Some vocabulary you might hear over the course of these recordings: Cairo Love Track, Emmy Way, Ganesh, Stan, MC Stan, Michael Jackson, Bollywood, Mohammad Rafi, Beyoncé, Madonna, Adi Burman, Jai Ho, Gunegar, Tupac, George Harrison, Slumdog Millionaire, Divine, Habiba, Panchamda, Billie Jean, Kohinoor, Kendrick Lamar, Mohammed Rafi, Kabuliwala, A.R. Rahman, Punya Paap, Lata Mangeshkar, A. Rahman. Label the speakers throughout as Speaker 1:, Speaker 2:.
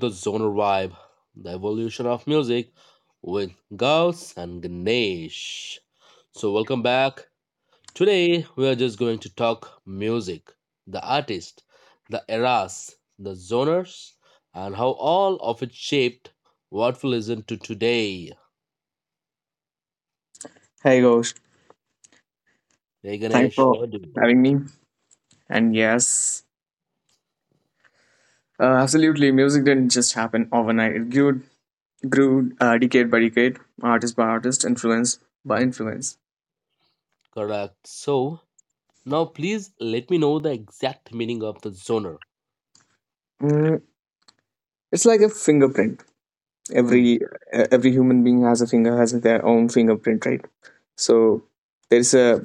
Speaker 1: the Zoner Vibe, the evolution of music with Gauss and Ganesh. So, welcome back. Today, we are just going to talk music, the artist, the eras, the zoners, and how all of it shaped what we listen to today.
Speaker 2: Hey, Ghost.
Speaker 1: Hey
Speaker 2: Thanks
Speaker 1: Ganesh,
Speaker 2: for having me. And yes, absolutely, music didn't just happen overnight. It grew, decade by decade, artist by artist, influence by influence.
Speaker 1: correct. So, now please let me know the exact meaning of the zoner.
Speaker 2: Mm, it's like a fingerprint.
Speaker 1: Hmm.
Speaker 2: Every human being has a finger, has their own fingerprint, right? So there's a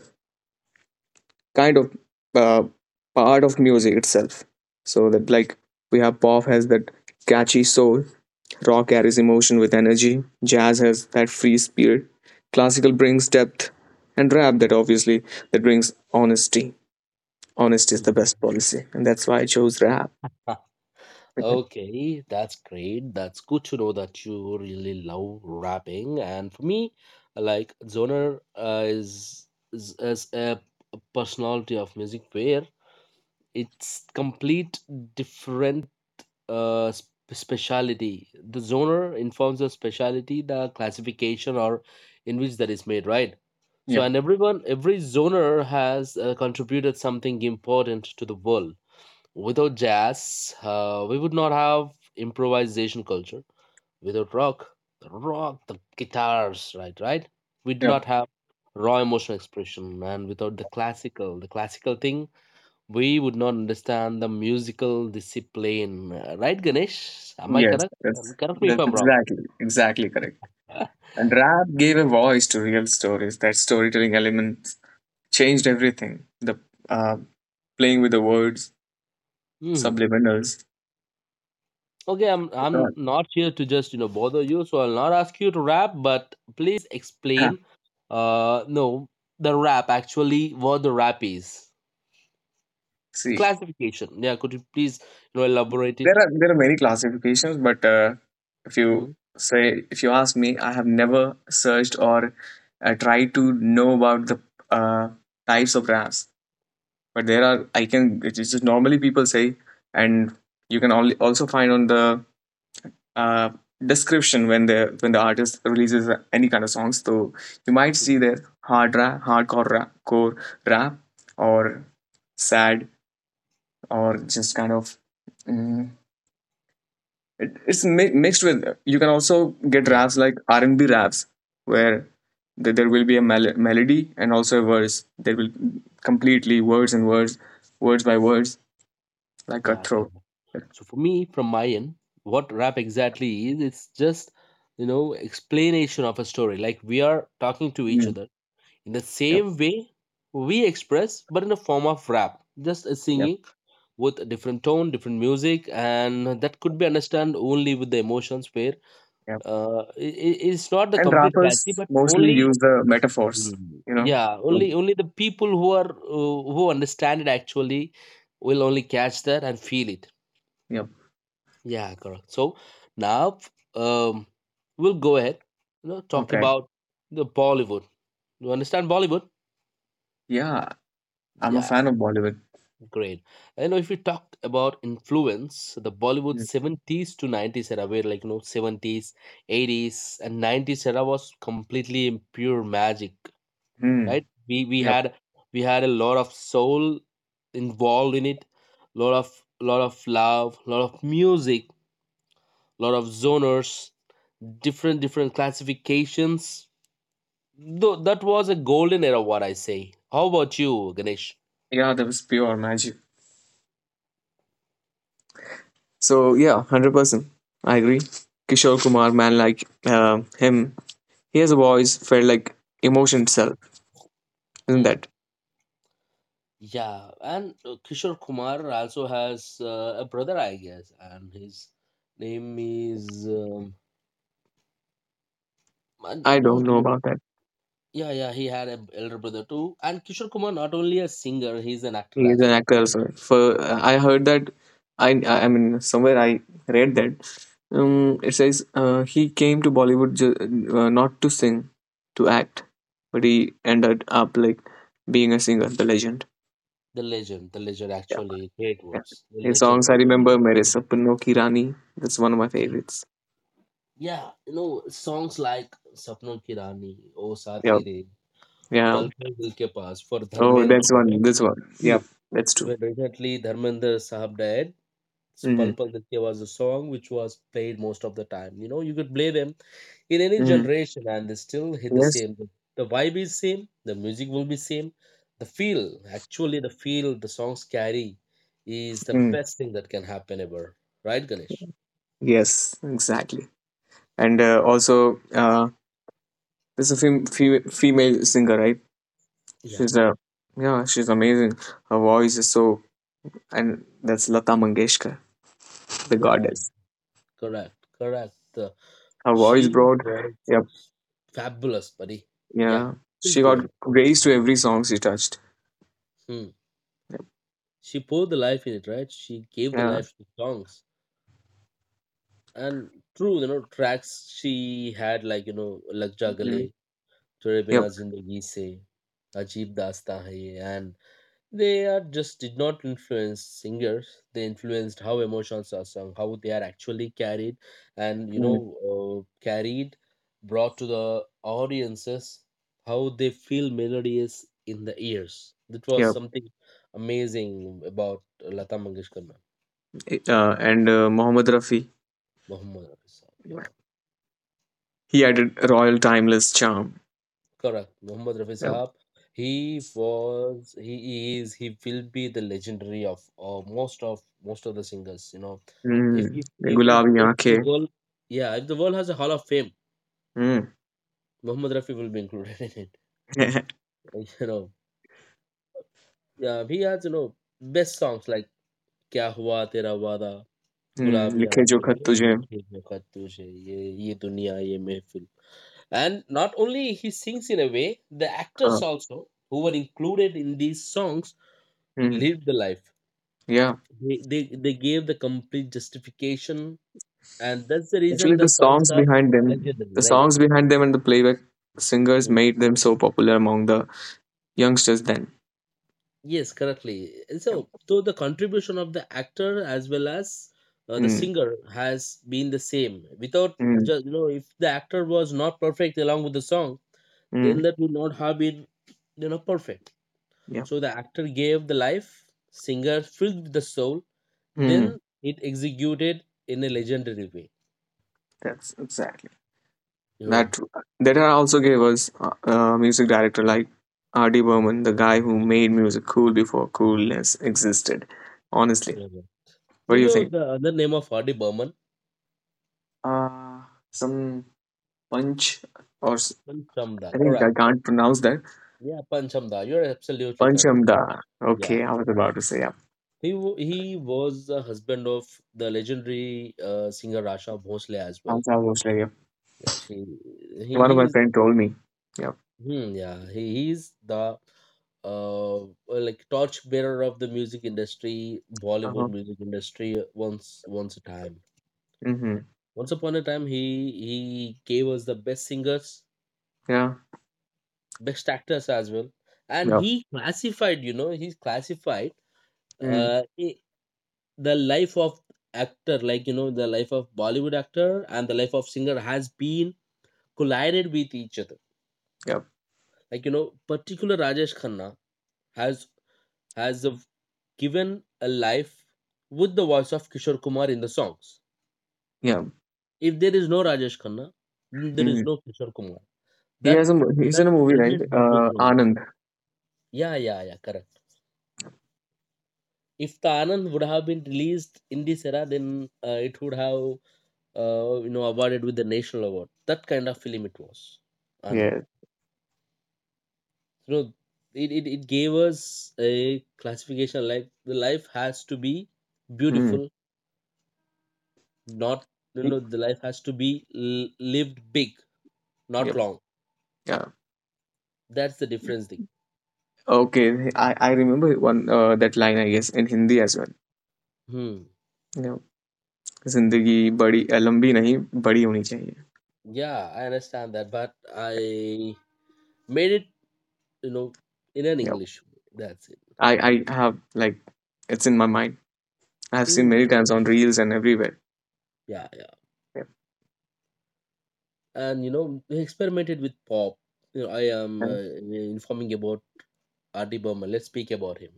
Speaker 2: kind of uh, part of music itself. So that like we have pop has that catchy soul, rock carries emotion with energy, jazz has that free spirit, classical brings depth, and rap that obviously that brings honesty. Honesty is the best policy, and that's why I chose rap. Okay.
Speaker 1: Okay, that's great. That's good to know that you really love rapping. And for me, like genre is a personality of music where it's complete different speciality. The genre informs the speciality, the classification or in which that is made, right? So and everyone, every genre has contributed something important to the world. Without jazz, we would not have improvisation culture. Without rock, the rock, the guitars, right, right? We do
Speaker 2: Yep.
Speaker 1: not have raw emotional expression. And without the classical, the classical thing, we would not understand the musical discipline. Right, Ganesh? Am I
Speaker 2: Yes,
Speaker 1: correct?
Speaker 2: that's
Speaker 1: Correct me if
Speaker 2: that's
Speaker 1: I'm wrong.
Speaker 2: exactly correct. And rap gave a voice to real stories. That storytelling element changed everything. The uh, Playing with the words,
Speaker 1: Mhm.
Speaker 2: subliminals.
Speaker 1: Okay, I'm
Speaker 2: It's all-
Speaker 1: I'm not here to just bother you, so I'll not ask you to rap, but please
Speaker 2: Ha,
Speaker 1: explain. No, the rap actually what the rap is the
Speaker 2: see,
Speaker 1: classification. Yeah, could you please elaborate it?
Speaker 2: there are many classifications but if you
Speaker 1: Hmm?
Speaker 2: say if you ask me, I have never searched or tried to know about the uh, types of rafts, but there are, I can, it's just normally people say, and you can only also find on the uh, description when the artist releases any kind of songs. So you might see there hard rap, hardcore rap, core rap, or sad, or just kind of mm, mixed with. You can also get
Speaker 1: Yeah,
Speaker 2: raps like R&B raps where there will be a melody and also a verse. There will completely words and words, words by words, like
Speaker 1: yeah. Yeah.
Speaker 2: cutthroat.
Speaker 1: So for me, from my end, what rap exactly is? It's just explanation of a story. Like we are talking to each
Speaker 2: Mm.
Speaker 1: other in the
Speaker 2: Yep,
Speaker 1: same way we express, but in the form of rap, just a
Speaker 2: yep,
Speaker 1: singing with a different tone, different music, and that could be understood only with the emotions where
Speaker 2: yep.
Speaker 1: it's not the
Speaker 2: And
Speaker 1: complete
Speaker 2: rappers
Speaker 1: catchy, but
Speaker 2: mostly
Speaker 1: only.
Speaker 2: use the metaphors,
Speaker 1: Mhm.
Speaker 2: you know,
Speaker 1: Yeah,
Speaker 2: to-
Speaker 1: only the people who are who understand it actually will only catch that and feel it.
Speaker 2: yep,
Speaker 1: Yeah, correct. So now um, we'll go ahead, you know, talk
Speaker 2: okay,
Speaker 1: about the Bollywood. You understand Bollywood?
Speaker 2: yeah, I'm a
Speaker 1: Yeah,
Speaker 2: fan of Bollywood.
Speaker 1: great. And you know, if we talk about influence, the Bollywood
Speaker 2: Mm.
Speaker 1: 70s to 90s era, where like, you know, 70s, 80s, and 90s era was completely pure magic,
Speaker 2: Mm,
Speaker 1: right? We we
Speaker 2: yep,
Speaker 1: had we had a lot of soul involved in it, lot of love, lot of music, lot of zoners, different different classifications. Though that was a golden era, what I say. How about you, Ganesh?
Speaker 2: yeah, that was pure magic, so yeah, 100% I agree. Kishore Kumar, man, like uh, him his voice felt like emotion itself, isn't
Speaker 1: Hmm.
Speaker 2: that?
Speaker 1: Yeah, and Kishore Kumar also has a brother, I guess, and his name is I
Speaker 2: I don't
Speaker 1: don't
Speaker 2: know
Speaker 1: remember.
Speaker 2: about that.
Speaker 1: Yeah, yeah, he had an elder brother too. And Kishore Kumar not only a singer, he's an actor
Speaker 2: He is an
Speaker 1: as well.
Speaker 2: actor also. For I heard that, I mean somewhere I read that. It says he came to Bollywood not to sing, to act, but he ended up like being a singer, the legend.
Speaker 1: The legend,
Speaker 2: Yeah,
Speaker 1: actually, great
Speaker 2: yeah.
Speaker 1: words. The
Speaker 2: His
Speaker 1: legend.
Speaker 2: songs I
Speaker 1: He is
Speaker 2: remember, Mere
Speaker 1: actually-
Speaker 2: Sapno Ki Rani. That's one of my favorites.
Speaker 1: Yeah, you know songs like "Sapno Ki Rani," "O Saathi
Speaker 2: Yeah,
Speaker 1: Re,"
Speaker 2: yeah.
Speaker 1: "Pal Pal Dil Ke Paas" for
Speaker 2: Oh, that's
Speaker 1: Dharmendra.
Speaker 2: one. This one. Yeah,
Speaker 1: Still,
Speaker 2: that's true.
Speaker 1: when recently Dharmendra Sahab died,
Speaker 2: Mm-hmm.
Speaker 1: Pulpal Ditya was a song which was played most of the time. You know, you could play them in any
Speaker 2: Mm-hmm.
Speaker 1: generation and they still hit the
Speaker 2: Yes.
Speaker 1: same. The vibe is same, the music will be same. The feel, actually the feel the songs carry is the
Speaker 2: Mm.
Speaker 1: best thing that can happen ever. Right, Ganesh?
Speaker 2: Yes, exactly. And also, there's a female singer, right?
Speaker 1: Yeah.
Speaker 2: She's a yeah, she's amazing. Her voice is so, and that's Lata Mangeshkar, the
Speaker 1: Yeah,
Speaker 2: goddess.
Speaker 1: correct. Correct.
Speaker 2: Her voice
Speaker 1: She
Speaker 2: brought,
Speaker 1: was
Speaker 2: yep,
Speaker 1: fabulous, buddy. Yeah.
Speaker 2: yeah,
Speaker 1: Please
Speaker 2: she
Speaker 1: go
Speaker 2: got
Speaker 1: ahead.
Speaker 2: grace to every song she touched.
Speaker 1: Hmm. She poured the life in it, right? She gave the
Speaker 2: Yeah,
Speaker 1: life to the songs. And true, you know, tracks she had like, you know, Lag Ja
Speaker 2: mm,
Speaker 1: Gale, Tere
Speaker 2: yep,
Speaker 1: Bina Zindagi Se, Ajeeb Daasta Hai Ye, and they are just did not influence singers. They influenced how emotions are sung, how they are actually carried, and you
Speaker 2: mm,
Speaker 1: know, carried, brought to the audiences, how they feel melody is in the ears. That was
Speaker 2: yep.
Speaker 1: something amazing about Lata Mangeshkar, ma'am.
Speaker 2: It-
Speaker 1: Yeah.
Speaker 2: And Mohammed Rafi,
Speaker 1: Muhammad Rafi Saab, yeah.
Speaker 2: he added a royal timeless charm.
Speaker 1: Correct. Mohammad Rafi
Speaker 2: Yep.
Speaker 1: Sahab. He was, he is, he will be the legendary of most of the singers. You know, if
Speaker 2: Mm,
Speaker 1: if if if,
Speaker 2: Gulabi
Speaker 1: if the
Speaker 2: aankhein.
Speaker 1: world, yeah, if the world has a Hall of Fame,
Speaker 2: Mm.
Speaker 1: Mohammad Rafi will be included in it. Like, you know, yeah, he has you know best songs like "Kya Hua Tera Wada,"
Speaker 2: Mm.
Speaker 1: "Gulabi
Speaker 2: Likhe jo khat
Speaker 1: Aankhein,"
Speaker 2: tujhe.
Speaker 1: "Likhe Hain Tujhe," "Ye Ye ये "Ye ये. And not only he sings in a way, the
Speaker 2: हाँ,
Speaker 1: actors also who were included in these songs lived the life.
Speaker 2: yeah,
Speaker 1: They, they gave the complete justification, and that's the
Speaker 2: actually,
Speaker 1: reason the
Speaker 2: the
Speaker 1: songs
Speaker 2: songs
Speaker 1: are
Speaker 2: behind them,
Speaker 1: legendary,
Speaker 2: the
Speaker 1: right?
Speaker 2: songs behind them, and the playback singers
Speaker 1: Mhm.
Speaker 2: made them so popular among the youngsters then.
Speaker 1: Yes, correctly. And
Speaker 2: Yep.
Speaker 1: so, so the contribution of the actor as well as the
Speaker 2: Mm,
Speaker 1: singer has been the same. Without
Speaker 2: mm,
Speaker 1: just you know, if the actor was not perfect along with the song,
Speaker 2: mm,
Speaker 1: then that would not have been you know perfect.
Speaker 2: yeah,
Speaker 1: So the actor gave the life, singer filled with the soul, then
Speaker 2: mm,
Speaker 1: it executed in a legendary way.
Speaker 2: that's exactly
Speaker 1: You know.
Speaker 2: that. That also gave us a music director like R.D. Burman, the guy who made music cool before coolness existed. Honestly,
Speaker 1: Mhm.
Speaker 2: what
Speaker 1: You
Speaker 2: do you
Speaker 1: know
Speaker 2: think?
Speaker 1: the other name of Adi Burman?
Speaker 2: Uh, some punch or
Speaker 1: Panchamda.
Speaker 2: I think
Speaker 1: Correct.
Speaker 2: I can't pronounce that.
Speaker 1: Yeah, Panchamda. You're absolutely correct. Kavish.
Speaker 2: Panchamda.
Speaker 1: Yeah.
Speaker 2: Okay, I was about to say yeah.
Speaker 1: He was the husband of the legendary singer Rasha Bhosle as well.
Speaker 2: Panchamda.
Speaker 1: Yeah, she he
Speaker 2: One of my
Speaker 1: he's
Speaker 2: friend told me. Yep.
Speaker 1: hmm, yeah he's the uh like torchbearer of the music industry, Bollywood
Speaker 2: Uh-huh.
Speaker 1: music industry.
Speaker 2: Mm-hmm.
Speaker 1: Once upon a time, he gave us the best singers,
Speaker 2: Yeah.
Speaker 1: best actors as well, and
Speaker 2: Yep.
Speaker 1: he classified you know he's classified
Speaker 2: Mm.
Speaker 1: uh, i- the life of actor like you know the life of Bollywood actor and the life of singer has been collided with each other
Speaker 2: Yep.
Speaker 1: like you know particular Rajesh Khanna has has a- given a life with the voice of Kishore Kumar in the songs.
Speaker 2: Yeah.
Speaker 1: If there is no Rajesh Khanna then there is
Speaker 2: Mm.
Speaker 1: no Kishore Kumar,
Speaker 2: He
Speaker 1: that
Speaker 2: has a he's
Speaker 1: that
Speaker 2: in a movie, right?
Speaker 1: element has been provided.
Speaker 2: Anand.
Speaker 1: Yeah, yeah, yeah, correct. If the Anand would have been released in this era, then it would have you know awarded with the national award. That kind of film it was, Anand.
Speaker 2: Yeah.
Speaker 1: You know, it gave us a classification like the life has to be
Speaker 2: Mm.
Speaker 1: beautiful, not you
Speaker 2: Y-
Speaker 1: know the life has to be lived big, not
Speaker 2: Yep.
Speaker 1: long.
Speaker 2: Yeah.
Speaker 1: That's the difference. Thing.
Speaker 2: Okay. I remember one that line I guess in Hindi as well.
Speaker 1: Hmm.
Speaker 2: Yeah. जिंदगी बड़ी लंबी नहीं बड़ी होनी चाहिए.
Speaker 1: Yeah, I understand that, but I made it you know in an
Speaker 2: Yep.
Speaker 1: English way. That's it.
Speaker 2: I have like it's in my mind. I have seen
Speaker 1: Hmm.
Speaker 2: many times on reels and everywhere.
Speaker 1: Yeah, yeah.
Speaker 2: Yep.
Speaker 1: And you know he experimented with pop. You know, I am
Speaker 2: Right.
Speaker 1: informing about RD Burman. Let's speak about him.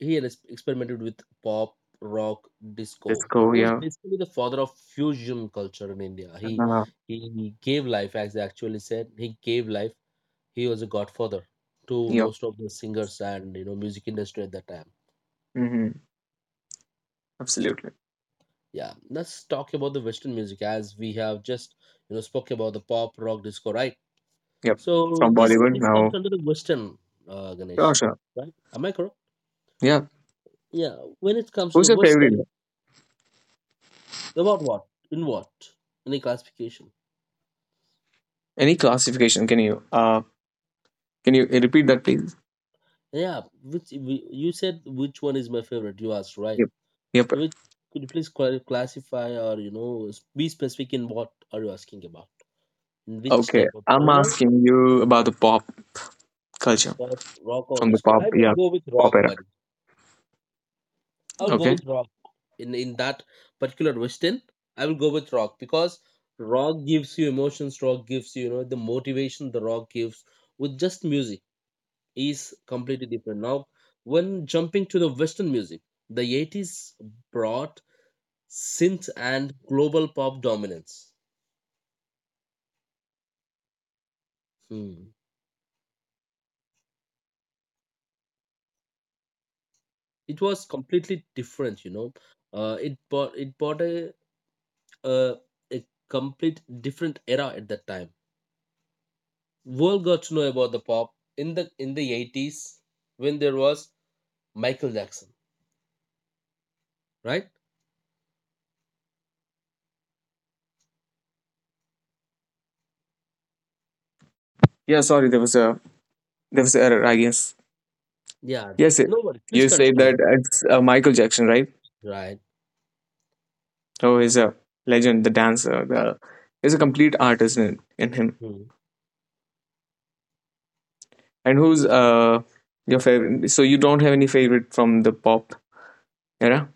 Speaker 1: He had experimented with pop, rock,
Speaker 2: Let's
Speaker 1: disco.
Speaker 2: go.
Speaker 1: He was
Speaker 2: Yeah.
Speaker 1: basically the father of fusion culture in India. he
Speaker 2: Uh,
Speaker 1: he gave life as they actually said, he gave life. He was a godfather to
Speaker 2: yep.
Speaker 1: most of the singers and you know music industry at that time.
Speaker 2: Mm-hmm. Absolutely.
Speaker 1: Yeah, let's talk about the Western music as we have just you know spoke about the pop, rock, disco, right?
Speaker 2: Yep.
Speaker 1: So
Speaker 2: From
Speaker 1: this
Speaker 2: Bollywood
Speaker 1: this comes
Speaker 2: now.
Speaker 1: under the Western, Ganesh,
Speaker 2: Sure, sure.
Speaker 1: right? Am I correct?
Speaker 2: Yeah.
Speaker 1: Yeah. When it comes to the
Speaker 2: Who's your
Speaker 1: Western,
Speaker 2: favorite?
Speaker 1: about what? In what? Any classification?
Speaker 2: Any classification? Can you repeat that please?
Speaker 1: Yeah. Which you said which one is my favorite? You asked, right?
Speaker 2: Yep. Yep.
Speaker 1: So which could you please classify or you know be specific in what are you asking about? In which
Speaker 2: Okay.
Speaker 1: type of
Speaker 2: I'm
Speaker 1: genre?
Speaker 2: asking you about the pop culture
Speaker 1: Or rock or
Speaker 2: from the
Speaker 1: disco?
Speaker 2: pop,
Speaker 1: I will
Speaker 2: yeah,
Speaker 1: go with
Speaker 2: pop
Speaker 1: rock,
Speaker 2: era.
Speaker 1: buddy. I'll go
Speaker 2: Okay.
Speaker 1: with rock. In that particular Western I will go with rock because rock gives you emotions, rock gives you you know the motivation, the rock gives with just music is completely different. Now when jumping to the Western music, the 80s brought synth and global pop dominance. Hmm. It was completely different. You know, it brought a a complete different era at that time. World got to know about the pop in the 80s when there was Michael Jackson, right?
Speaker 3: Yeah, sorry, there was an error, I guess.
Speaker 1: Yeah,
Speaker 3: Yes,
Speaker 1: no worries. Please
Speaker 3: you say
Speaker 1: continue.
Speaker 3: that it's Michael Jackson, right?
Speaker 1: Right.
Speaker 3: Oh, he's a legend, the dancer, the he's a complete artist in him.
Speaker 1: Hmm.
Speaker 3: And who's your favorite? So you don't have any favorite from the pop era?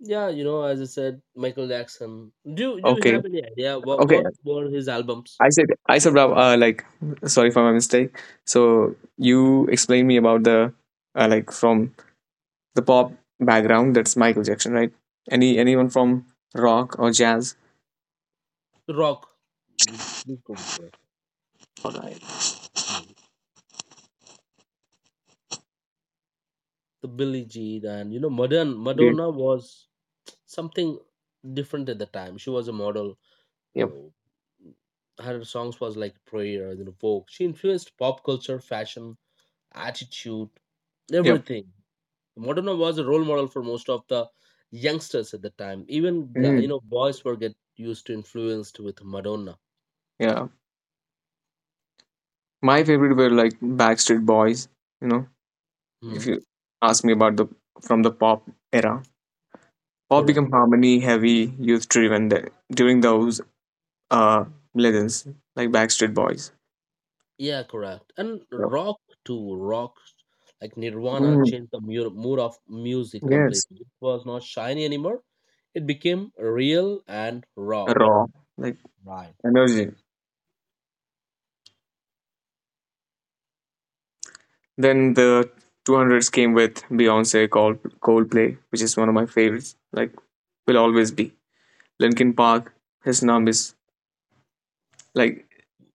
Speaker 1: Yeah, you know, as I said, Michael Jackson. Do you
Speaker 3: Okay,
Speaker 1: have any idea what
Speaker 3: okay.
Speaker 1: were his albums?
Speaker 3: I said like sorry for my mistake. So you explain me about the like from the pop background. That's Michael Jackson, right? Anyone from rock or jazz?
Speaker 1: Rock. We go with rock.
Speaker 3: All right.
Speaker 1: Hmm. The Billie Jean and you know, modern Madonna was something different at the time. She was a model.
Speaker 3: Yeah.
Speaker 1: Uh, Her songs was like prayer, you know, folk. She influenced pop culture, fashion, attitude,
Speaker 3: Yep.
Speaker 1: everything. Moderna was a role model for most of the youngsters at the time. Even you
Speaker 3: Mm.
Speaker 1: know, boys were get used to influenced with Madonna.
Speaker 3: Yeah. My favorite were like Backstreet Boys. You know, if
Speaker 1: Hmm.
Speaker 3: you ask me about the from the pop era, pop
Speaker 1: Correct.
Speaker 3: became harmony heavy, youth driven during those uh legends like Backstreet Boys.
Speaker 1: Yeah, correct. And
Speaker 3: Yep.
Speaker 1: rock too. Rock like Nirvana
Speaker 3: Mm.
Speaker 1: changed the mood of music
Speaker 3: Yes.
Speaker 1: completely. It was not shiny anymore. It became real and raw.
Speaker 3: Raw like
Speaker 1: Right.
Speaker 3: energy, then the 200s came with Beyonce, called Coldplay, which is one of my favorites, like will always be Linkin Park. His name is like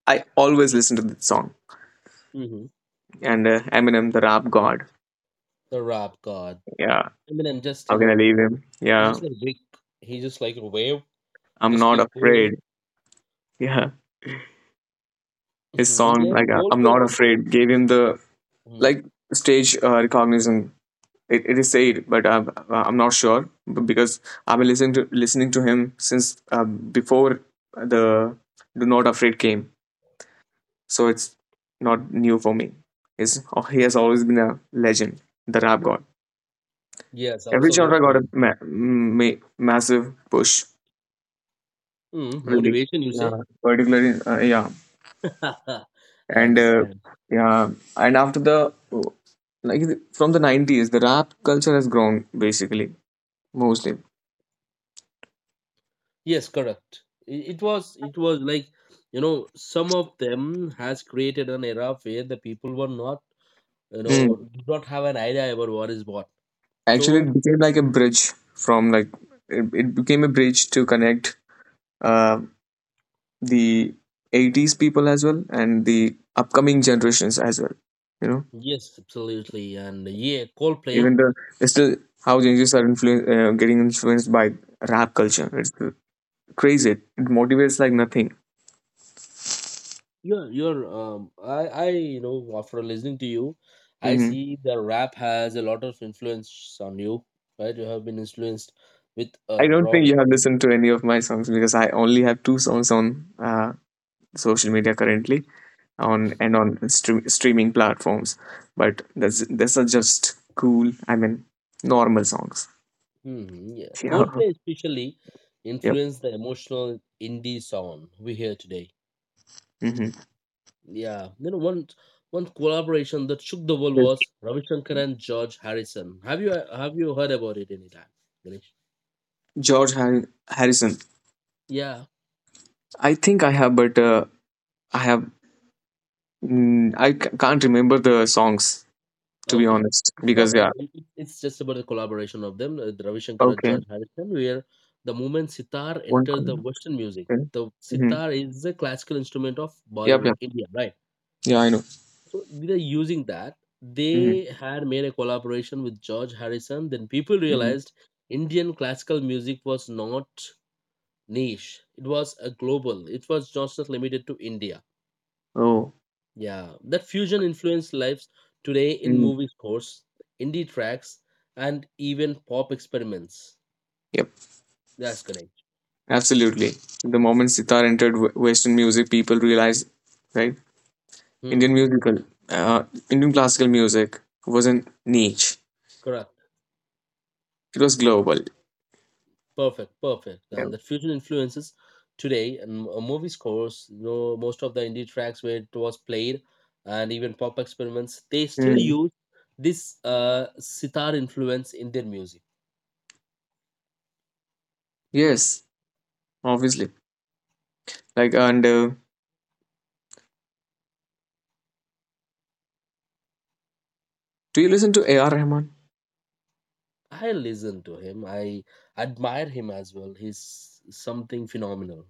Speaker 3: I always listen to that song,
Speaker 1: Mm-hmm.
Speaker 3: and Eminem, the rap god.
Speaker 1: The rap god.
Speaker 3: Yeah,
Speaker 1: I mean, and just you
Speaker 3: how can I
Speaker 1: know,
Speaker 3: leave him?
Speaker 1: he's
Speaker 3: Yeah,
Speaker 1: just like Rick. He just like a wave.
Speaker 3: I'm
Speaker 1: Just
Speaker 3: not
Speaker 1: keep going.
Speaker 3: afraid. Yeah, his
Speaker 1: Mhm,
Speaker 3: song
Speaker 1: yes,
Speaker 3: like I'm
Speaker 1: also.
Speaker 3: Not Afraid gave him the
Speaker 1: Mhm,
Speaker 3: like stage recognition. It is said, but I'm not sure because I've been listening to him since before the Do Not Afraid came, so it's not new for me. He's, oh, he has always been a legend, the rap god.
Speaker 1: yes,
Speaker 3: Every genre got a
Speaker 1: absolutely.
Speaker 3: massive push,
Speaker 1: Mm,
Speaker 3: really.
Speaker 1: motivation, you
Speaker 3: Yeah,
Speaker 1: say?
Speaker 3: particularly yeah,
Speaker 1: I
Speaker 3: and
Speaker 1: understand.
Speaker 3: yeah, and after the like from the 90s the rap culture has grown, basically mostly.
Speaker 1: Yes, correct. It was like you know some of them has created an era where the people were not you
Speaker 3: Hmm.
Speaker 1: know did not have an idea about what is what.
Speaker 3: Actually,
Speaker 1: So
Speaker 3: it became like a bridge from like it became a bridge to connect uh, the 80s people as well and the upcoming generations as well, you know.
Speaker 1: yes, absolutely, and yeah, Coldplay.
Speaker 3: Even the it's still how Gen Zs are getting influenced by rap culture. It's crazy. It motivates like nothing.
Speaker 1: You're, you know, after listening to you, I
Speaker 3: Mhm.
Speaker 1: see the rap has a lot of influence on you, right? You have been influenced with a
Speaker 3: I don't think
Speaker 1: wrong.
Speaker 3: you have
Speaker 1: With-
Speaker 3: listened to any of my songs because I only have two songs on social media currently on and on streaming platforms. But that's these are just cool. I mean, normal songs.
Speaker 1: Hmm, yeah.
Speaker 3: Yeah.
Speaker 1: Coldplay especially
Speaker 3: Yep.
Speaker 1: influenced the emotional indie song we hear today.
Speaker 3: Hmm.
Speaker 1: Yeah, you know, one collaboration that shook the world
Speaker 3: Yes.
Speaker 1: was Ravi Shankar and George Harrison. Have you heard about it anytime, Ganesh?
Speaker 3: Harrison.
Speaker 1: Yeah.
Speaker 3: I think I have, but I have. Mm, I can't remember the songs, to be
Speaker 1: Okay.
Speaker 3: honest,
Speaker 1: It's not,
Speaker 3: because yeah.
Speaker 1: it's just about the collaboration of them, Ravi Shankar and
Speaker 3: Okay.
Speaker 1: John Harrison, where the moment sitar
Speaker 3: One.
Speaker 1: entered the
Speaker 3: Okay.
Speaker 1: Western music. The
Speaker 3: Mm-hmm.
Speaker 1: sitar is a classical instrument of
Speaker 3: Yep.
Speaker 1: Bollywood,
Speaker 3: Yep.
Speaker 1: India, right?
Speaker 3: Yeah, I know.
Speaker 1: So they're using that.
Speaker 3: Mm-hmm.
Speaker 1: They had made a collaboration with George Harrison. Then people
Speaker 3: Mm-hmm.
Speaker 1: realized Indian classical music was not niche. It was a global. It was just not limited to India.
Speaker 3: Oh.
Speaker 1: Yeah, that fusion influenced lives today in
Speaker 3: Mm-hmm.
Speaker 1: movie scores, indie tracks, and even pop experiments. That's correct.
Speaker 3: Absolutely. The moment sitar entered Western music, people realized, right?
Speaker 1: Hmm,
Speaker 3: Indian musical, uh, Indian classical music wasn't niche.
Speaker 1: correct.
Speaker 3: It was global.
Speaker 1: Perfect, perfect.
Speaker 3: Yeah.
Speaker 1: And that fusion influences today and movie scores. You know, most of the indie tracks where it was played, and even pop experiments, they still
Speaker 3: Mm.
Speaker 1: use this sitar influence in their music.
Speaker 3: Yes, obviously. Like, and do you listen to A.R. Rahman?
Speaker 1: I listen to him. I admire him as well. He's something phenomenal.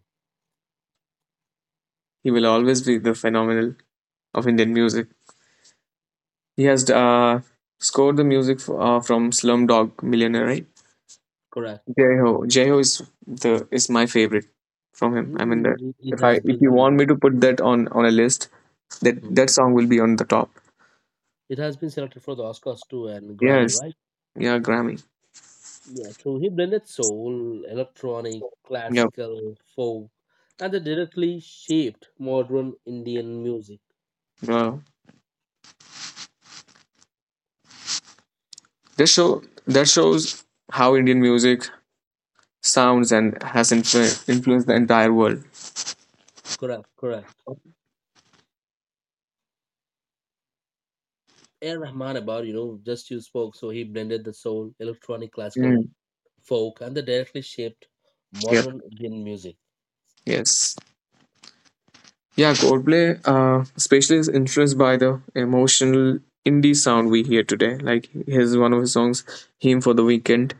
Speaker 3: He will always be the phenomenal of Indian music. He has scored the music from Slumdog Millionaire, right?
Speaker 1: Correct.
Speaker 3: Jai Ho. Jai Ho is the is my favorite from him. I mean,
Speaker 1: Mm, it
Speaker 3: if I
Speaker 1: has
Speaker 3: if you want
Speaker 1: been
Speaker 3: me to put that on a list,
Speaker 1: Hmm.
Speaker 3: that song will be on the top.
Speaker 1: it has been selected for the Oscars too and Grammy,
Speaker 3: Yes.
Speaker 1: right?
Speaker 3: Yeah. Grammy.
Speaker 1: Yeah, so he blended soul, electronic,
Speaker 3: Yep.
Speaker 1: classical, folk, and they directly shaped modern Indian music.
Speaker 3: Wow. This show that shows how Indian music sounds and has influenced the entire world.
Speaker 1: Correct, correct. A Rahman, about, just you spoke, so he blended the soul, electronic, classical,
Speaker 3: Mm,
Speaker 1: folk, and they directly shaped
Speaker 3: yep.
Speaker 1: modern Indian music.
Speaker 3: Yes. Yeah. Coldplay especially is influenced by the emotional indie sound we hear today, like his one of his songs, him for the Weekend.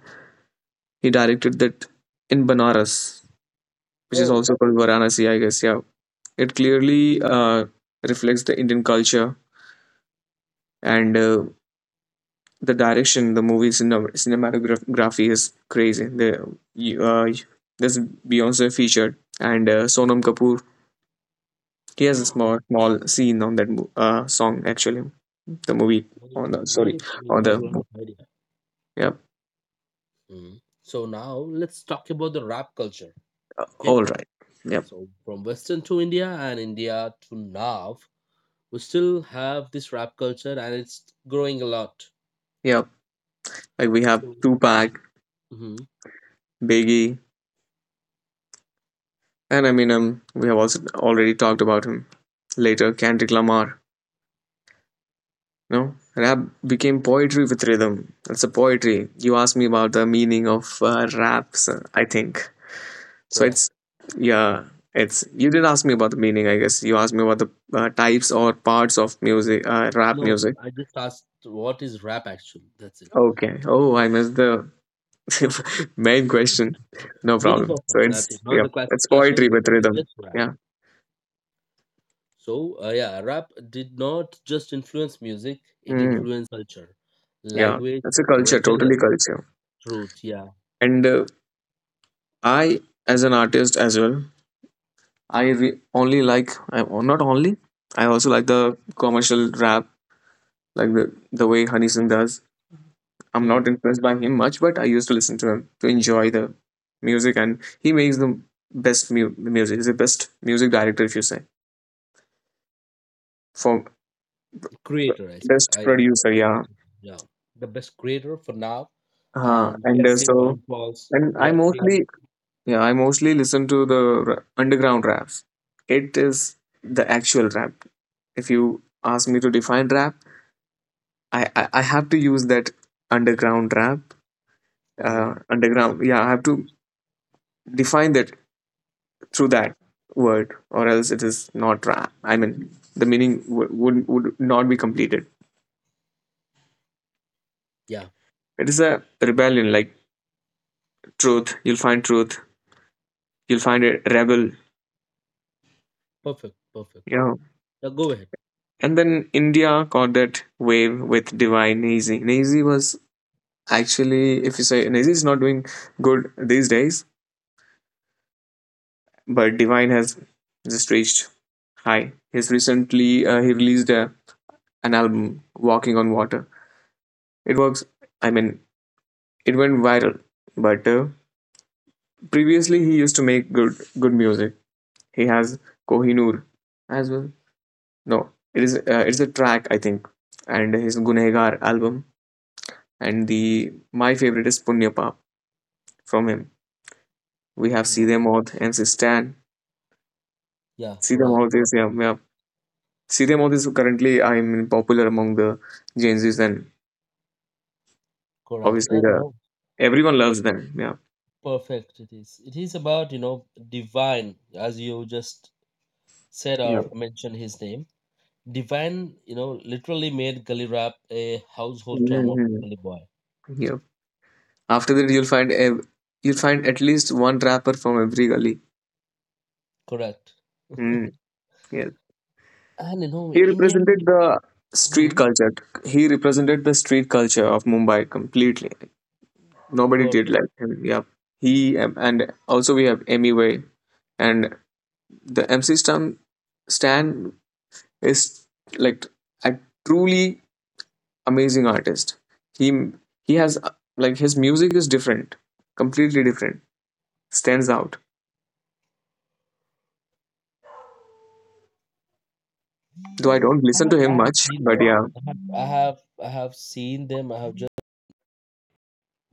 Speaker 3: He directed that in Banaras, which is
Speaker 1: Oh,
Speaker 3: also called Varanasi, I guess. Yeah, it clearly reflects the Indian culture, and the direction, the movie's cinematography is crazy. The uh, there's Beyonce featured, and Sonam Kapoor. He has a
Speaker 1: ah,
Speaker 3: small scene on that song, actually the movie,
Speaker 1: very
Speaker 3: on the sorry,
Speaker 1: great. You
Speaker 3: on
Speaker 1: have
Speaker 3: the
Speaker 1: a lot of idea.
Speaker 3: yep.
Speaker 1: Hmm. So now let's talk about the rap culture, okay?
Speaker 3: All right. Yep.
Speaker 1: So from Western to India and India to now, we still have this rap culture and it's growing a lot.
Speaker 3: Yep. Like, we have
Speaker 1: So,
Speaker 3: Tupac,
Speaker 1: hmm
Speaker 3: Biggie, and Eminem. We have also already talked about him. Later, Kendrick Lamar. No, rap became poetry with rhythm. That's a poetry. You asked me about the meaning of raps, I think. So
Speaker 1: correct.
Speaker 3: it's yeah, it's you did ask me about the meaning. I guess you asked me about the types or parts of music, rap
Speaker 1: No,
Speaker 3: music.
Speaker 1: I just asked what is rap actually. That's it.
Speaker 3: Okay. Oh, I missed the main question. No
Speaker 1: Meaning
Speaker 3: problem.
Speaker 1: of rap.
Speaker 3: So
Speaker 1: That's
Speaker 3: it's
Speaker 1: it. Not
Speaker 3: yeah,
Speaker 1: the
Speaker 3: it's
Speaker 1: classification.
Speaker 3: poetry with
Speaker 1: Nothing.
Speaker 3: rhythm.
Speaker 1: Just rap.
Speaker 3: Yeah.
Speaker 1: So yeah, rap did not just influence music; it
Speaker 3: Mm,
Speaker 1: influenced culture,
Speaker 3: yeah.
Speaker 1: language,
Speaker 3: It's a culture, totally
Speaker 1: rebellion,
Speaker 3: culture.
Speaker 1: truth. Yeah,
Speaker 3: And I, as an artist as well, only like not only I also like the commercial rap like the way Honey Singh does. I'm not
Speaker 1: hmm.
Speaker 3: impressed by him much, but I used to listen to him to enjoy the music, and he makes the best music. He's the best music director, if you say, for
Speaker 1: Creator.
Speaker 3: best
Speaker 1: I, I
Speaker 3: producer. Yeah,
Speaker 1: Yeah, the best creator for now, and he
Speaker 3: and
Speaker 1: has seen
Speaker 3: so
Speaker 1: downfalls.
Speaker 3: and
Speaker 1: He
Speaker 3: I
Speaker 1: has seen.
Speaker 3: mostly yeah I mostly listen to the underground raps. It is the actual rap. If you ask me to define rap, I have to use that underground rap,
Speaker 1: Mhm.
Speaker 3: underground. Yeah, I have to define that through that word, or else it is not rap. I mean, the meaning would not be completed.
Speaker 1: Yeah,
Speaker 3: It is a rebellion, like truth. You'll find truth. You'll find a rebel.
Speaker 1: perfect, perfect.
Speaker 3: You know.
Speaker 1: Now go ahead.
Speaker 3: And then India caught that wave with Divine Nazi. Nazi was actually, if you say Nazi is not doing good these days, but Divine has just reached high. He's recently he released a an album, Walking on Water. It works. I mean, it went viral. But previously, he used to make good music. He has Kohinoor as well. No, it is it's a track, I think, and his Gunegar album. And the my favorite is Punya Paap from him. We have
Speaker 1: Go
Speaker 3: See
Speaker 1: on.
Speaker 3: Them MC Stan.
Speaker 1: Yeah,
Speaker 3: See Them
Speaker 1: correct,
Speaker 3: is yeah, yeah. See Them is currently, I mean, popular among the Gen Zs and
Speaker 1: correct.
Speaker 3: obviously
Speaker 1: And you know,
Speaker 3: everyone
Speaker 1: it
Speaker 3: loves them. Yeah.
Speaker 1: perfect. It is. It is about, Divine, as you just said
Speaker 3: Yeah.
Speaker 1: or mentioned his name. Divine, literally made gully rap a household term of
Speaker 3: Mhm.
Speaker 1: Gully Boy.
Speaker 3: Yeah. After that, you'll find you'll find at least one rapper from every gully.
Speaker 1: Correct.
Speaker 3: Mm, yes.
Speaker 1: And you know,
Speaker 3: He represented
Speaker 1: Indian.
Speaker 3: the street
Speaker 1: Hmm,
Speaker 3: culture. He represented the street culture of Mumbai completely. Nobody did
Speaker 1: perfect.
Speaker 3: like him. Yeah. He and also we have Emmy Way and the MC Stan. Stan is like a truly amazing artist. He he has like his music is different, completely different. Stands out. Though I don't
Speaker 1: I
Speaker 3: listen
Speaker 1: have
Speaker 3: to him
Speaker 1: I have
Speaker 3: much,
Speaker 1: seen
Speaker 3: but
Speaker 1: them.
Speaker 3: yeah.
Speaker 1: I have seen them. I have just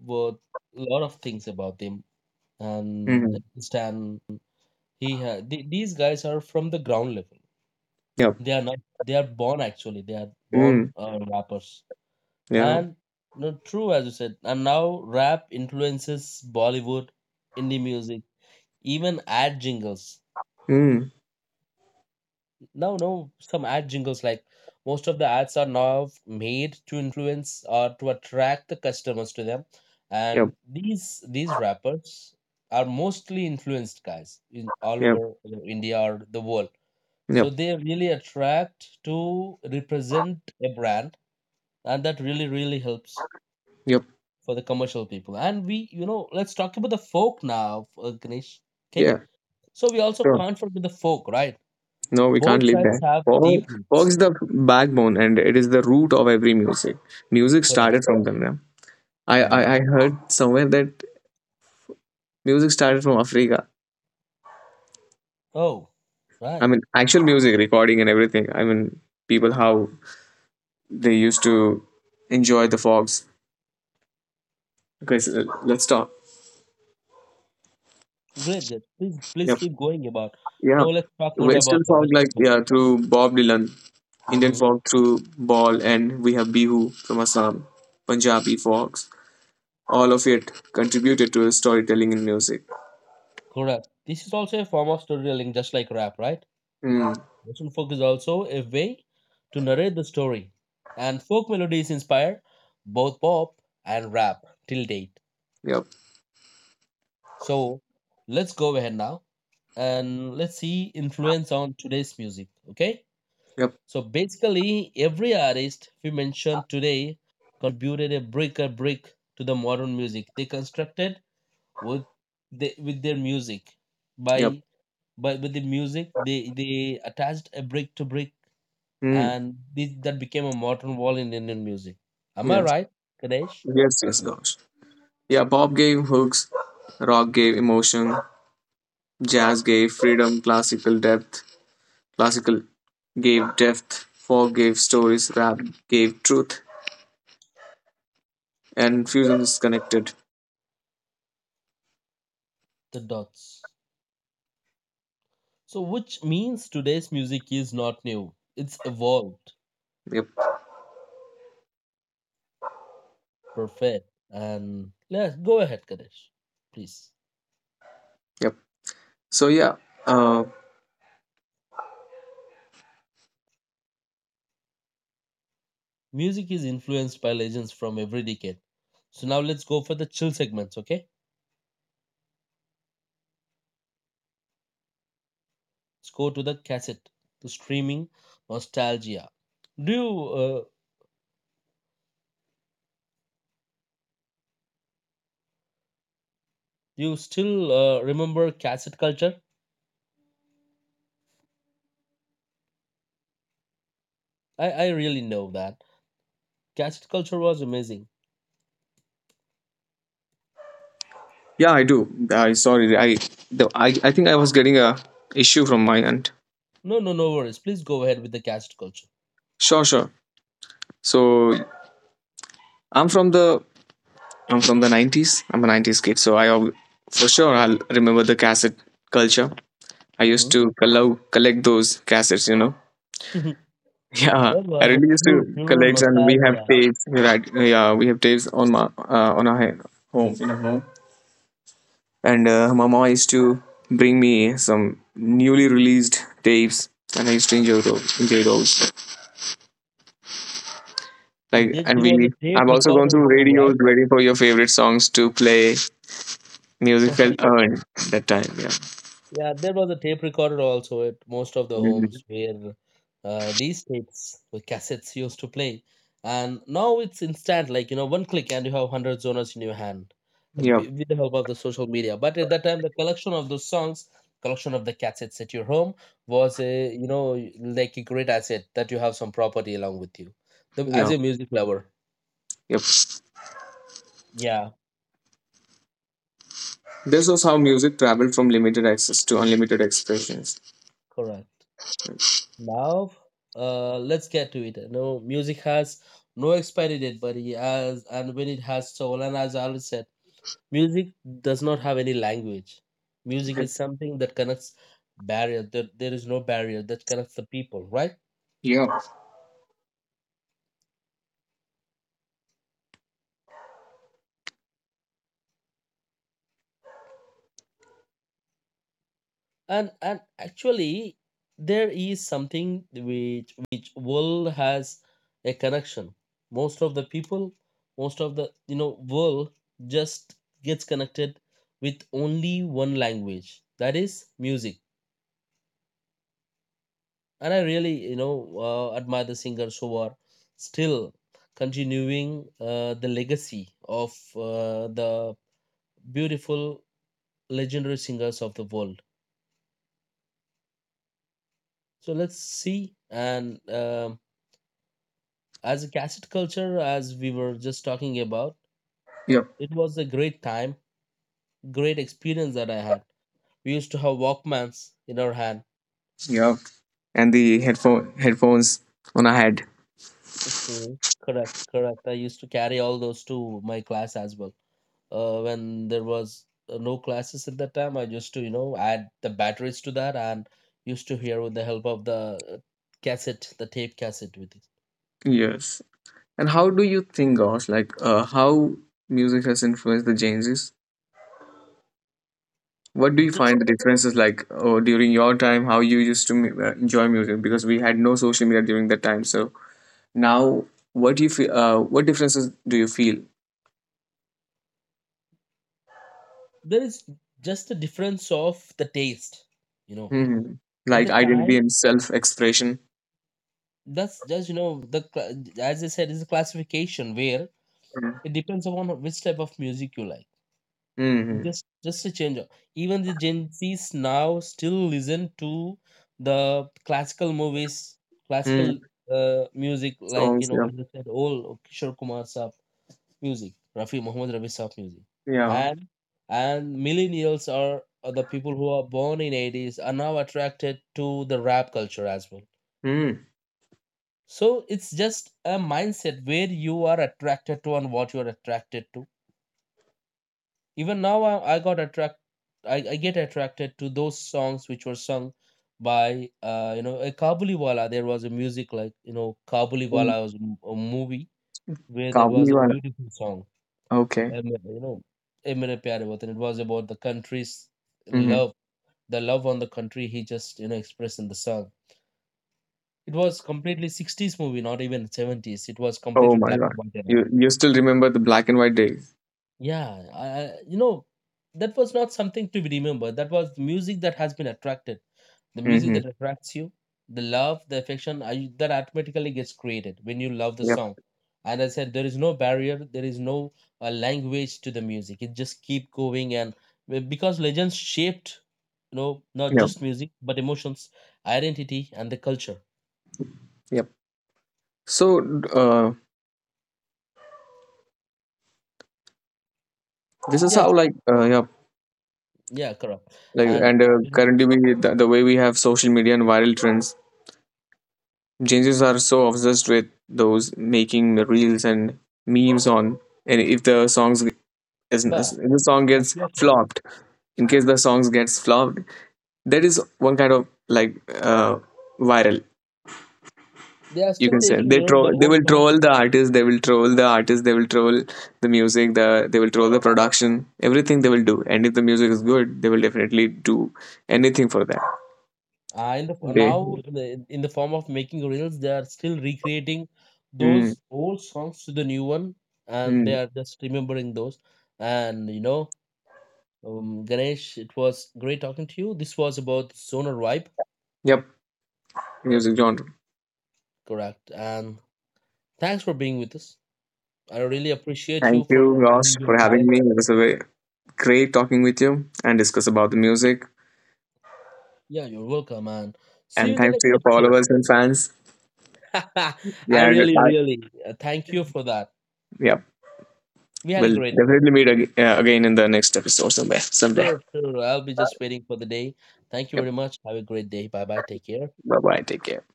Speaker 1: read a lot of things about them and
Speaker 3: Mhm.
Speaker 1: Stan. These guys are from the ground level.
Speaker 3: Yeah.
Speaker 1: They are not. They are born actually. They are born
Speaker 3: Mm,
Speaker 1: rappers.
Speaker 3: yeah.
Speaker 1: And no, true as you said. And now rap influences Bollywood, indie music, even ad jingles.
Speaker 3: Mm,
Speaker 1: No, no, some ad jingles like most of the ads are now made to influence or to attract the customers to them. And
Speaker 3: yep.
Speaker 1: these rappers are mostly influenced guys in all
Speaker 3: Yep.
Speaker 1: over, India or the world. So
Speaker 3: Yep.
Speaker 1: they really attract to represent a brand, and that really really helps
Speaker 3: Yep.
Speaker 1: for the commercial people. And we, let's talk about the folk now, Ganesh. Okay,
Speaker 3: Yeah.
Speaker 1: so we also
Speaker 3: Sure.
Speaker 1: can't forget the folk, right?
Speaker 3: No, we can't
Speaker 1: Both
Speaker 3: leave
Speaker 1: sides
Speaker 3: that.
Speaker 1: have deep
Speaker 3: Folk,
Speaker 1: roots.
Speaker 3: folk's the backbone, and it is the root of every music. Music started from them. Yeah.
Speaker 1: Mhm.
Speaker 3: I heard somewhere that music started from Africa.
Speaker 1: Oh,
Speaker 3: I
Speaker 1: right.
Speaker 3: mean, actual music recording and everything. I mean, people how they used to enjoy the fogs. Okay, so let's talk.
Speaker 1: Great, great. Please, please
Speaker 3: Yep.
Speaker 1: keep going about. Now
Speaker 3: Yeah.
Speaker 1: let's talk more
Speaker 3: Western
Speaker 1: about the
Speaker 3: fog
Speaker 1: Western
Speaker 3: like
Speaker 1: folk.
Speaker 3: yeah through Bob Dylan, Indian
Speaker 1: Hmm.
Speaker 3: folk through ball, and we have Bihu from Assam, Punjabi folks. All of it contributed to storytelling in music.
Speaker 1: Correct. This is also a form of storytelling, just like rap, right?
Speaker 3: Hmm.
Speaker 1: Western folk is also a way to narrate the story, and folk melodies inspire both pop and rap till date.
Speaker 3: Yep.
Speaker 1: So let's go ahead now and let's see influence on today's music. Okay.
Speaker 3: Yep.
Speaker 1: So basically, every artist we mentioned today contributed a brick to the modern music. They constructed with their music
Speaker 3: Yep.
Speaker 1: by by with the music they attached a brick to brick,
Speaker 3: Hmm.
Speaker 1: and this that became a modern wall in Indian music. Am I
Speaker 3: Yes.
Speaker 1: right, Kadesh?
Speaker 3: Yes. Yes. Gosh. Yeah. Pop gave hooks. Rock gave emotion. Jazz gave freedom. Classical depth. Classical gave depth. Folk gave stories. Rap gave truth. And fusion is connected.
Speaker 1: The dots. So which means today's music is not new. It's evolved,
Speaker 3: Yep.
Speaker 1: perfect, and let's go ahead, Kadesh, please.
Speaker 3: Yep. So yeah. Uh,
Speaker 1: Music is influenced by legends from every decade. So now let's go for the chill segments, okay? Let's go to the cassette, the streaming nostalgia. Do you still remember cassette culture? I really know that cassette culture was amazing.
Speaker 3: yeah, I do. I sorry. I the, I think I was getting a issue from my end.
Speaker 1: No, no, no worries. Please go ahead with the cassette culture.
Speaker 3: Sure, sure. So I'm from the I'm from the 90s. I'm a 90s kid. So for sure I'll remember the cassette culture. I used
Speaker 1: Mhm.
Speaker 3: to allow, collect those cassettes. You know. Yeah,
Speaker 1: That
Speaker 3: I
Speaker 1: was a
Speaker 3: really used
Speaker 1: pure,
Speaker 3: to
Speaker 1: pure
Speaker 3: collect, and we have
Speaker 1: nostalgia.
Speaker 3: tapes. Right? Yeah, we have tapes on my on our home, in our home. And my mom used to bring me some newly released tapes, and I used to enjoy those. Like,
Speaker 1: There,
Speaker 3: and
Speaker 1: there was a tape
Speaker 3: I've also gone
Speaker 1: recorder at
Speaker 3: through
Speaker 1: home,
Speaker 3: radios
Speaker 1: right?
Speaker 3: waiting for your favorite songs to play. Music felt earned that time. Yeah.
Speaker 1: Yeah, there was a tape recorder also at most of the
Speaker 3: Mm.
Speaker 1: homes where these tapes with cassettes used to play. And now it's instant, like, you know, one click and you have 100 genres in your hand,
Speaker 3: Yep.
Speaker 1: with the help of the social media. But at that time, the collection of those songs, collection of the cassettes at your home was, a, you know, like a great asset, that you have some property along with you, as
Speaker 3: Yep.
Speaker 1: a music lover.
Speaker 3: Yep.
Speaker 1: Yeah,
Speaker 3: This was how music traveled from limited access to unlimited expressions.
Speaker 1: correct. Now, let's get to it. No, music has no expiry date, but it has, and when it has soul, and as I always said, music does not have any language. Music
Speaker 3: Yep.
Speaker 1: is something that connects barrier. That there is no barrier that connects the people, right?
Speaker 3: Yep.
Speaker 1: And actually, there is something which world has a connection. Most of the people, most of the, world just gets connected with only one language, that is music. And I really, admire the singers who are still continuing the legacy of the beautiful legendary singers of the world. So let's see, and as a cassette culture, as we were just talking about,
Speaker 3: Yep.
Speaker 1: it was a great time, great experience that I had. We used to have Walkmans in our hand.
Speaker 3: Yep. And the headphones on our head.
Speaker 1: Mhm. Correct, correct. I used to carry all those to my class as well. When there was no classes at that time, I used to, add the batteries to that and used to hear with the help of the cassette, the tape cassette with it.
Speaker 3: Yes. And how do you think, gosh, like how music has influenced the changes? What do you
Speaker 1: Just
Speaker 3: find the differences like oh, during your time, how you used to enjoy music? Because we had no social media during that time, so now, what do you feel? What differences do you feel?
Speaker 1: there is just a difference of the taste, you know.
Speaker 3: Hmm.
Speaker 1: At the
Speaker 3: Like identity
Speaker 1: time,
Speaker 3: and self-expression.
Speaker 1: that's just, as I said, is a classification where it depends upon which type of music you like.
Speaker 3: Mm-hmm.
Speaker 1: Just a change up. Even the Gen Zs now still listen to the classical movies, classical
Speaker 3: Mm.
Speaker 1: music, like, you
Speaker 3: Songs,
Speaker 1: know,
Speaker 3: yeah,
Speaker 1: as I said, all Kishore Kumar stuff music, Rafi Muhammad Rafi stuff music,
Speaker 3: yeah.
Speaker 1: and and millennials are the people who are born in 80s are now attracted to the rap culture as well.
Speaker 3: Mm.
Speaker 1: So it's just a mindset where you are attracted to and what you're attracted to. Even now, I get attracted to those songs which were sung by, a Kabuliwala. There was a music like, you know,
Speaker 3: Mm.
Speaker 1: Kabuliwala was a movie where there was a
Speaker 3: Kabuliwala.
Speaker 1: beautiful song,
Speaker 3: Okay.
Speaker 1: um, you know, "Eh Mere Pyare Watan." It was about the country's
Speaker 3: Hmm.
Speaker 1: love, the love on the country. He just, expressed in the song. It was completely 60s movie, not even 70s. It was
Speaker 3: Oh
Speaker 1: completely
Speaker 3: my
Speaker 1: black and
Speaker 3: God.
Speaker 1: white era.
Speaker 3: You still remember the black and white days?
Speaker 1: Yeah, uh, you know, that was not something to be remembered. That was the music that has been attracted. The music
Speaker 3: Mm-hmm.
Speaker 1: that attracts you, the love, the affection, that automatically gets created when you love the
Speaker 3: Yep.
Speaker 1: song. And I said, there is no barrier, there is no language to the music. It just keep going, and because legends shaped, you know, not
Speaker 3: Yep.
Speaker 1: just music but emotions, identity, and the culture.
Speaker 3: Yep. So this is how
Speaker 1: Yes,
Speaker 3: like yep,
Speaker 1: yeah, correct.
Speaker 3: like,
Speaker 1: And,
Speaker 3: and currently we the way we have social media and viral trends, geniuses are so obsessed with those, making reels and memes on, and if the songs ge- is-
Speaker 1: but
Speaker 3: if the song
Speaker 1: yes,
Speaker 3: gets
Speaker 1: yes, correct.
Speaker 3: flopped, in case the songs gets flopped, that is one kind of like uh, viral.
Speaker 1: They are
Speaker 3: You
Speaker 1: still
Speaker 3: can say
Speaker 1: taking,
Speaker 3: they
Speaker 1: you know, the
Speaker 3: troll. They
Speaker 1: old
Speaker 3: will
Speaker 1: songs,
Speaker 3: troll the artist. They will troll the artist. They will troll the music. They will troll the production. Everything they will do. And if the music is good, they will definitely do anything for that.
Speaker 1: in the
Speaker 3: They.
Speaker 1: now in the form of making reels. They are still recreating
Speaker 3: Mm,
Speaker 1: those old songs to the new one, and they
Speaker 3: mm.
Speaker 1: are just remembering those. And, you know, Ganesh, it was great talking to you. This was about Zoner Vibe,
Speaker 3: Yep. Music genre.
Speaker 1: correct? And thanks for being with us. I really appreciate you
Speaker 3: Thank you,
Speaker 1: for
Speaker 3: Ross,
Speaker 1: giving your
Speaker 3: for having
Speaker 1: time.
Speaker 3: me. It was a very great talking with you and discuss about the music.
Speaker 1: Yeah, you're welcome, and see you
Speaker 3: And
Speaker 1: in the
Speaker 3: thanks to
Speaker 1: next
Speaker 3: your
Speaker 1: episode.
Speaker 3: followers and fans.
Speaker 1: I
Speaker 3: Yeah,
Speaker 1: really really thank you for that.
Speaker 3: yeah.
Speaker 1: We had a
Speaker 3: We'll
Speaker 1: great time.
Speaker 3: definitely meet again in the next episode somewhere someday.
Speaker 1: Sure, sure. I'll be just waiting for the day. Thank you
Speaker 3: Yep.
Speaker 1: very much. Have a great day. Bye bye. Take care.
Speaker 3: Bye bye. Take care.